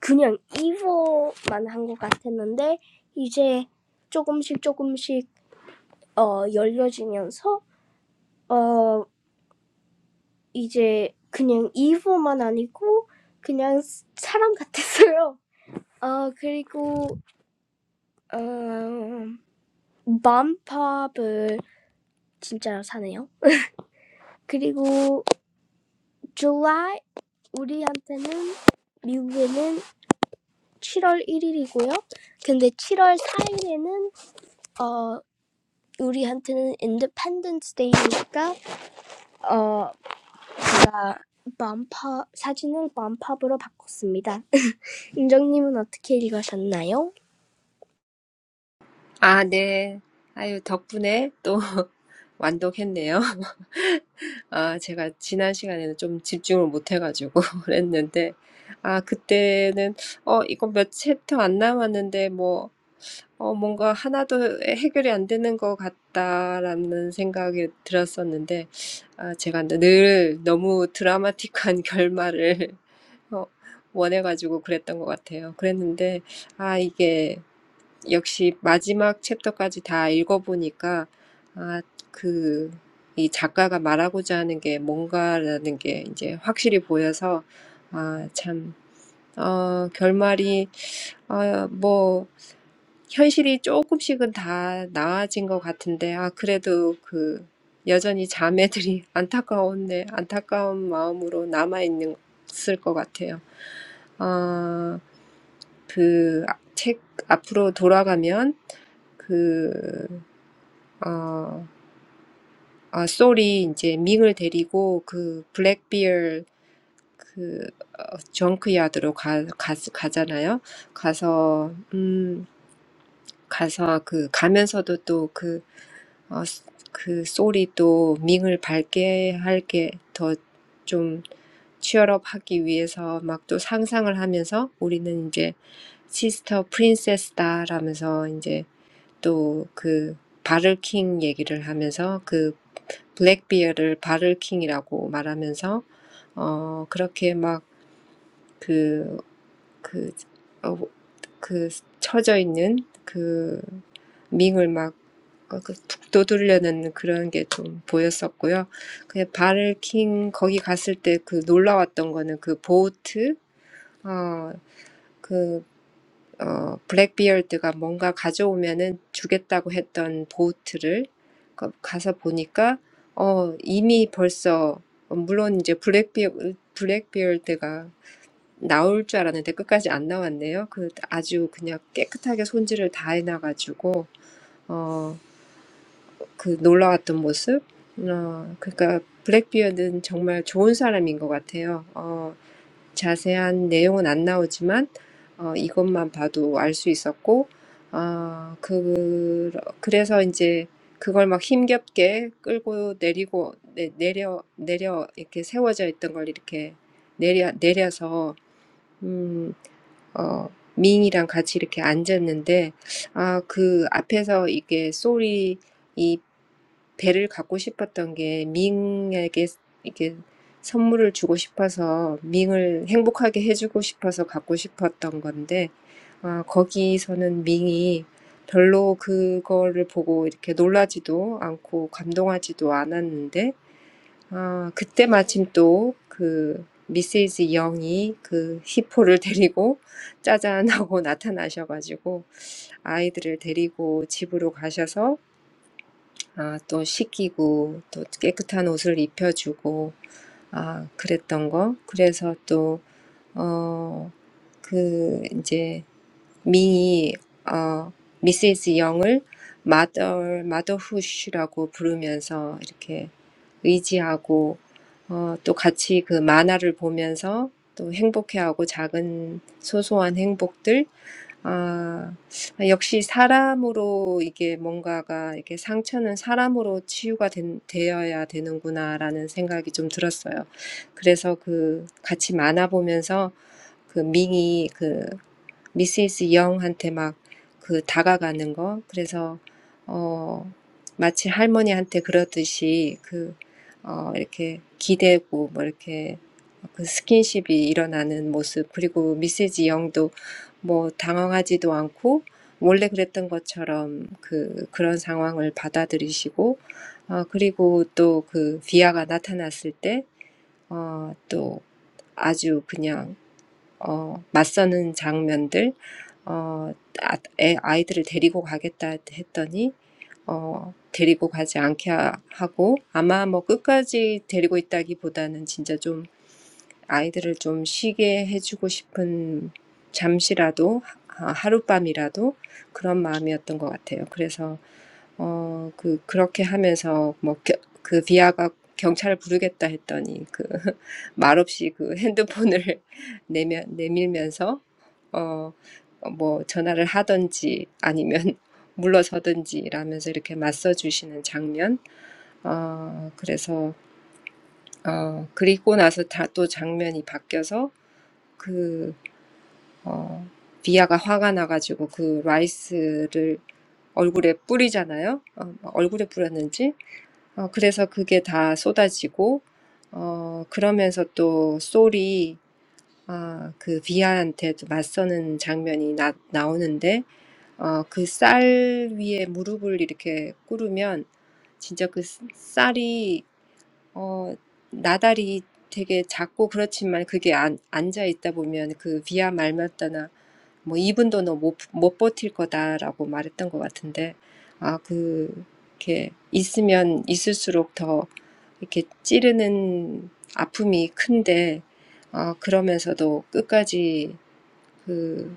Speaker 1: 그냥 이보만 한 것 같았는데 이제 조금씩 조금씩 어, 열려지면서 어, 이제 그냥 이보만 아니고 그냥 사람 같았어요. 어 그리고 음, 맘팝을 진짜로 사네요. 그리고 July 우리한테는 미국에는 7월 1일이고요. 근데 7월 4일에는 어 우리한테는 Independence Day니까 어 제가 맘팝 사진을 맘팝으로 바꿨습니다. 은정님은 어떻게 읽으셨나요?
Speaker 2: 아, 네. 아유, 덕분에 또 완독했네요. 아, 제가 지난 시간에는 좀 집중을 못 해가지고 그랬는데, 아, 그때는, 어, 이거 몇 챕터 안 남았는데, 뭐, 어, 뭔가 하나도 해결이 안 되는 것 같다라는 생각이 들었었는데, 아, 제가 늘 너무 드라마틱한 결말을 어, 원해가지고 그랬던 것 같아요. 그랬는데, 아, 이게 역시 마지막 챕터까지 다 읽어보니까 아, 그, 이 작가가 말하고자 하는 게 뭔가라는 게 이제 확실히 보여서 아, 참, 어, 결말이 어뭐 현실이 조금씩은 다 나아진 것 같은데 아, 그래도 그 여전히 자매들이 안타까웠네 안타까운 마음으로 남아 있는 있을 것 같아요. 아, 그 책 앞으로 돌아가면 그, 어, 아, 솔이 이제 밍을 데리고 그 블랙비어 그 어, 정크야드로 가, 가, 가잖아요. 가서, 음, 가서 그, 가면서도 또 그, 어, 그 솔이 또 밍을 밝게 할게 더좀 취업하기 위해서 막또 상상을 하면서 우리는 이제 시스터 프린세스다라면서 이제 또그 바를킹 얘기를 하면서 그 블랙비어를 바를킹이라고 말하면서 어 그렇게 막 그, 그, 어, 그 처져 있는 그 밍을 막 어, 그 북돋으려는 그런 게좀 보였었고요. 그 바를킹 거기 갔을 때그 놀라웠던 거는 그 보트 어그 어, 블랙비어드가 뭔가 가져오면은 주겠다고 했던 보트를 가- 가서 보니까 어, 이미 벌써 어, 물론 이제 블랙비어 블랙비어드가 나올 줄 알았는데 끝까지 안 나왔네요. 그 아주 그냥 깨끗하게 손질을 다 해놔가지고 어, 그 놀라웠던 모습. 어, 그러니까 블랙비어드는 정말 좋은 사람인 것 같아요. 어, 자세한 내용은 안 나오지만 어, 이것만 봐도 알수 있었고 아, 그 그래서 이제 그걸 막 힘겹게 끌고 내리고 내, 내려 내려 이렇게 세워져 있던 걸 이렇게 내려 내려서 어, 미인이랑 같이 이렇게 앉았는데, 아, 그 앞에서 이게 솔이 이 배를 갖고 싶었던 게 밍에게 이게 선물을 주고 싶어서 밍을 행복하게 해주고 싶어서 갖고 싶었던 건데, 아, 거기서는 밍이 별로 그거를 보고 이렇게 놀라지도 않고 감동하지도 않았는데, 아 그때 마침 또 그 미세스 영이 그 히포를 데리고 짜잔 하고 나타나셔 가지고 아이들을 데리고 집으로 가셔서 아, 또 씻기고 또 깨끗한 옷을 입혀주고 아 그랬던 거 그래서 또 어 그 이제 미, 어, 미세스 영을 마더, 마더후시라고 부르면서 이렇게 의지하고, 어, 또 같이 그 만화를 보면서 또 행복해하고 작은 소소한 행복들, 아, 역시 사람으로 이게 뭔가가 이렇게 상처는 사람으로 치유가 된, 되어야 되는구나라는 생각이 좀 들었어요. 그래서 그 같이 만화 보면서 그 밍이 미세스 영한테 막 그 다가가는 거. 그래서 어 마치 할머니한테 그러듯이 그 어 이렇게 기대고 뭐 이렇게 그 스킨십이 일어나는 모습. 그리고 미세스 영도 뭐 당황하지도 않고 원래 그랬던 것처럼 그 그런 상황을 받아들이시고 어 그리고 또그 비아가 나타났을 때 어 또 아주 그냥 어, 맞서는 장면들, 어, 아, 애, 아이들을 데리고 가겠다 했더니 어, 데리고 가지 않게 하- 하고 아마 뭐 끝까지 데리고 있다기보다는 진짜 좀 아이들을 좀 쉬게 해주고 싶은 잠시라도 하- 하룻밤이라도 그런 마음이었던 것 같아요. 그래서 어, 그, 그렇게 하면서, 뭐, 그 비아가 경찰을 부르겠다 했더니, 그, 말없이 그 핸드폰을 내면, 내밀면서, 어, 뭐, 전화를 하든지 아니면 물러서든지 이러면서 이렇게 맞서주시는 장면. 어, 그래서 어, 그리고 나서 다 또 장면이 바뀌어서 그, 어, 비아가 화가 나가지고 그 라이스를 얼굴에 뿌리잖아요. 어, 얼굴에 뿌렸는지. 어, 그래서 그게 다 쏟아지고, 어, 그러면서 또 솔이, 아, 그 비아한테도 맞서는 장면이 나, 나오는데, 어, 그 쌀 위에 무릎을 이렇게 꿇으면 진짜 그 쌀이 어, 나달이 되게 작고 그렇지만 그게 안, 앉아 있다 보면 그 비야 말마따나 뭐 2분도 너못못 버틸 거다라고 말했던 것 같은데 아, 그 이렇게 있으면 있을수록 더 이렇게 찌르는 아픔이 큰데 아, 그러면서도 끝까지 그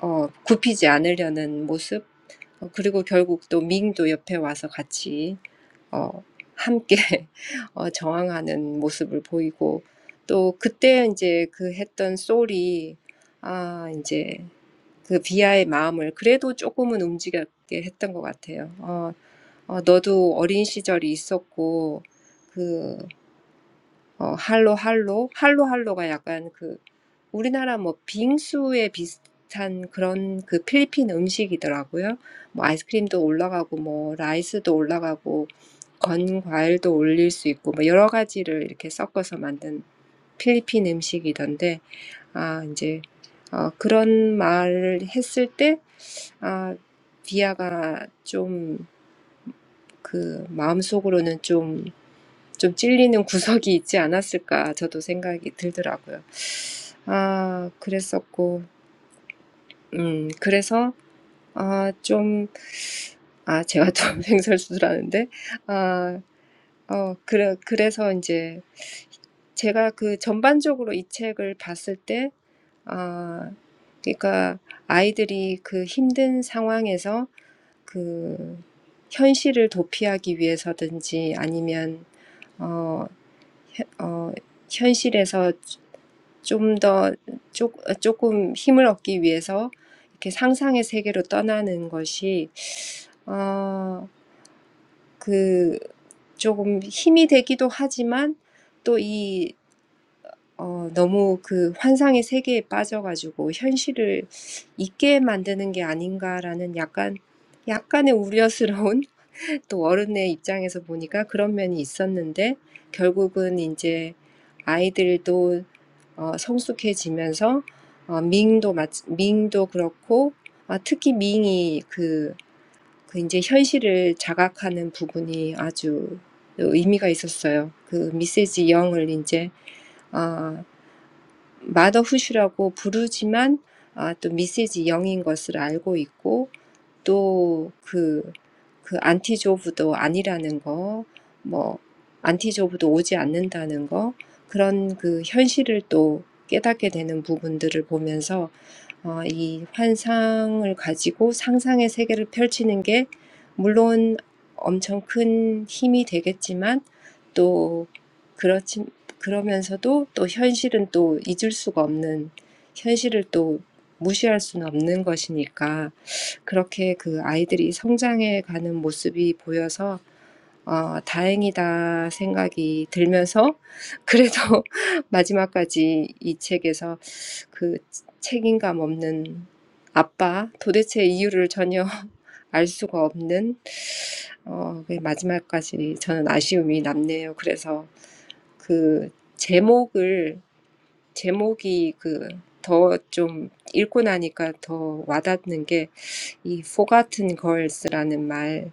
Speaker 2: 어, 굽히지 않으려는 모습, 어, 그리고 결국 또 밍도 옆에 와서 같이 어, 함께 어, 저항하는 모습을 보이고 또 그때 이제 그 했던 솔이 아 이제 그 비아의 마음을 그래도 조금은 움직였게 했던 것 같아요. 어, 어, 너도 어린 시절이 있었고 그 어, 할로 할로 할로 할로가 약간 그 우리나라 뭐 빙수에 비슷한 그런 그 필리핀 음식이더라고요. 뭐 아이스크림도 올라가고 뭐 라이스도 올라가고 건 과일도 올릴 수 있고 뭐 여러 가지를 이렇게 섞어서 만든 필리핀 음식이던데 아 이제 어, 그런 말을 했을 때 아, 비아가 좀그 마음속으로는 좀 좀 찔리는 구석이 있지 않았을까 저도 생각이 들더라고요. 아, 그랬었고, 음, 그래서 아, 좀, 아, 제가 좀 횡설수설하는데, 아, 어, 그래, 그래서 이제 제가 그 전반적으로 이 책을 봤을 때, 아, 그러니까 아이들이 그 힘든 상황에서 그 현실을 도피하기 위해서든지 아니면 어, 현- 어, 현실에서 좀 더 조금 힘을 얻기 위해서 이렇게 상상의 세계로 떠나는 것이 어, 그 조금 힘이 되기도 하지만 또 이, 어, 너무 그 환상의 세계에 빠져가지고 현실을 잊게 만드는 게 아닌가라는 약간, 약간의 우려스러운 또 어른의 입장에서 보니까 그런 면이 있었는데 결국은 이제 아이들도 어, 성숙해지면서 어, 밍도 마치, 밍도 그렇고 아, 특히 밍이 그, 그 이제 현실을 자각하는 부분이 아주 의미가 있었어요. 그 미세지 영을 이제 아, 마더후시라고 부르지만 아, 또 미세지 영인 것을 알고 있고 또 그, 그 안티조브도 아니라는 거, 뭐, 안티조브도 오지 않는다는 거, 그런 그 현실을 또 깨닫게 되는 부분들을 보면서 어, 이 환상을 가지고 상상의 세계를 펼치는 게 물론 엄청 큰 힘이 되겠지만 또 그렇지 그러면서도 또 현실은 또 잊을 수가 없는 현실을 또 무시할 수는 없는 것이니까 그렇게 그 아이들이 성장해 가는 모습이 보여서 어, 다행이다 생각이 들면서 그래도 마지막까지 이 책에서 그 책임감 없는 아빠 도대체 이유를 전혀 알 수가 없는 어, 그 마지막까지 저는 아쉬움이 남네요. 그래서 그 제목을 제목이 그 더 좀 읽고 나니까 더 와닿는 게 이 forgotten girls라는 말,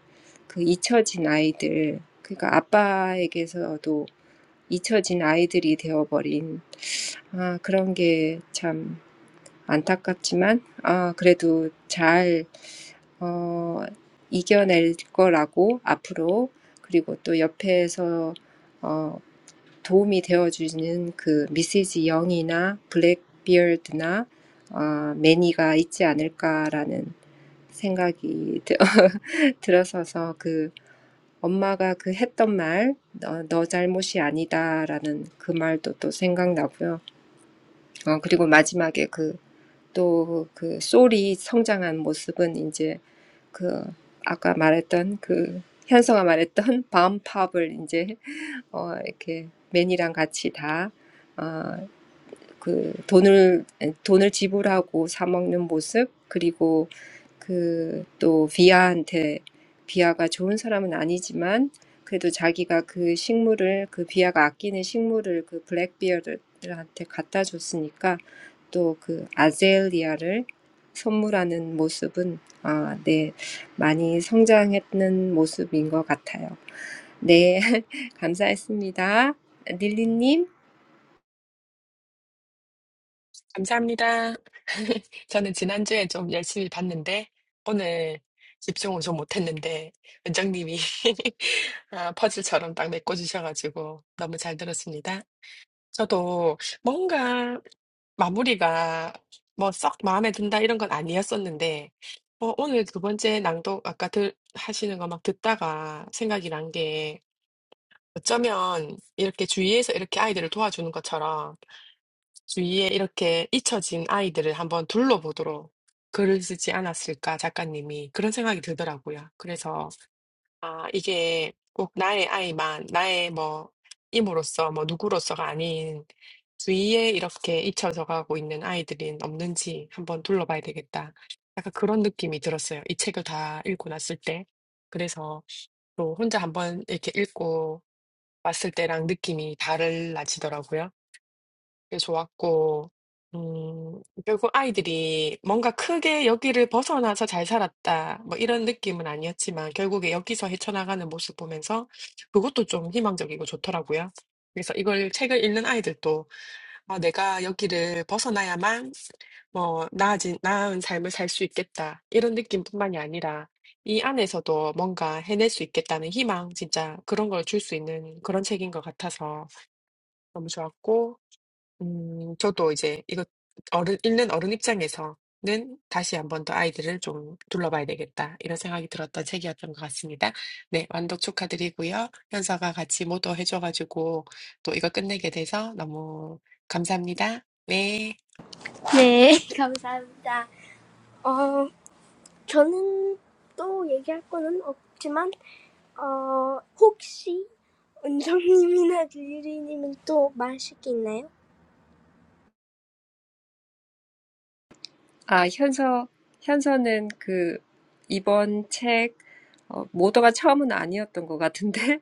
Speaker 2: 그 잊혀진 아이들, 그러니까 아빠에게서도 잊혀진 아이들이 되어버린 아, 그런 게 참 안타깝지만 아, 그래도 잘 어, 이겨낼 거라고 앞으로 그리고 또 옆에서 어, 도움이 되어주는 그 미시즈 영이나 블랙비어드나 어, 매니가 있지 않을까라는 생각이 들어서서 그 엄마가 그 했던 말, 너, 너 잘못이 아니다라는 그 말도 또 생각나고요. 어, 그리고 마지막에 그, 또 그 솔이 성장한 모습은 이제 그 아까 말했던 그 현서가 말했던 밤팝을 이제 어, 이렇게 맨이랑 같이 다 어, 그 돈을 돈을 지불하고 사 먹는 모습 그리고 그또 비아한테 비아가 좋은 사람은 아니지만 그래도 자기가 그 식물을 그 비아가 아끼는 식물을 그 블랙비어한테 갖다 줬으니까 또그 아젤리아를 선물하는 모습은 아, 네, 많이 성장했는 모습인 것 같아요. 네, 감사했습니다. 릴리님.
Speaker 3: 감사합니다. 저는 지난주에 좀 열심히 봤는데, 오늘 집중을 좀 못했는데, 원장님이 아, 퍼즐처럼 딱 메꿔주셔가지고 너무 잘 들었습니다. 저도 뭔가 마무리가 뭐 썩 마음에 든다 이런 건 아니었었는데, 어, 오늘 두 번째 낭독 아까 들, 하시는 거 막 듣다가 생각이 난 게, 어쩌면 이렇게 주위에서 이렇게 아이들을 도와주는 것처럼 주위에 이렇게 잊혀진 아이들을 한번 둘러보도록 글을 쓰지 않았을까 작가님이 그런 생각이 들더라고요. 그래서 아, 이게 꼭 나의 아이만, 나의 뭐, 임으로서, 뭐, 누구로서가 아닌 주위에 이렇게 잊혀져 가고 있는 아이들은 없는지 한번 둘러봐야 되겠다. 약간 그런 느낌이 들었어요. 이 책을 다 읽고 났을 때. 그래서 또 혼자 한번 이렇게 읽고 왔을 때랑 느낌이 달라지더라고요. 되게 좋았고, 음, 결국 아이들이 뭔가 크게 여기를 벗어나서 잘 살았다, 뭐 이런 느낌은 아니었지만, 결국에 여기서 헤쳐나가는 모습 보면서 그것도 좀 희망적이고 좋더라고요. 그래서 이걸 책을 읽는 아이들도, 아, 내가 여기를 벗어나야만 뭐, 나아진, 나은 삶을 살 수 있겠다. 이런 느낌뿐만이 아니라, 이 안에서도 뭔가 해낼 수 있겠다는 희망, 진짜 그런 걸 줄 수 있는 그런 책인 것 같아서 너무 좋았고, 음, 저도 이제 이거 어른, 읽는 어른 입장에서는 다시 한 번 더 아이들을 좀 둘러봐야 되겠다. 이런 생각이 들었던 책이었던 것 같습니다. 네, 완독 축하드리고요. 현서가 같이 모도 해줘가지고 또 이거 끝내게 돼서 너무 감사합니다. 네.
Speaker 1: 네, 감사합니다. 어, 저는 또 얘기할 거는 없지만, 어, 혹시 은정님이나 릴리님은 또 말하실 게 있나요?
Speaker 2: 아, 현서, 현서는 그, 이번 책, 어, 모두가 처음은 아니었던 것 같은데,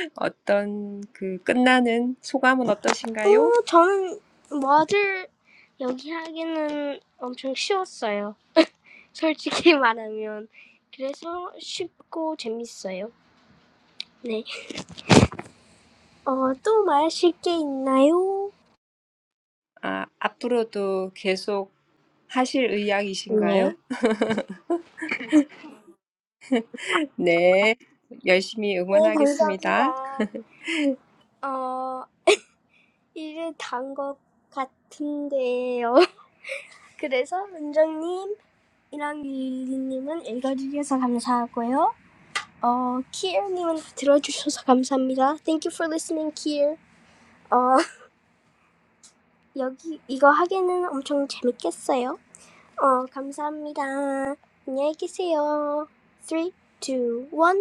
Speaker 2: 어떤 그 끝나는 소감은 어떠신가요?
Speaker 1: 어, 저는 뭐들 여기 하기는 엄청 쉬웠어요. 솔직히 말하면. 그래서 쉽고 재밌어요. 네. 어, 또 말하실 게 있나요?
Speaker 2: 아, 앞으로도 계속 하실
Speaker 1: 네.
Speaker 2: 의향이신가요?
Speaker 1: 네,
Speaker 2: 네, 열심히 응원하겠습니다.
Speaker 1: 감사합니다. 어, 일을 단 것 같은데요. 그래서 원장님이랑 릴리님은 읽어주셔서 감사하고요. 어, 키엘님은 들어주셔서 감사합니다. Thank you for listening, 키엘. 어, 여기 이거 하기는 엄청 재밌겠어요. 어, 감사합니다. 안녕히 계세요. three, two, one.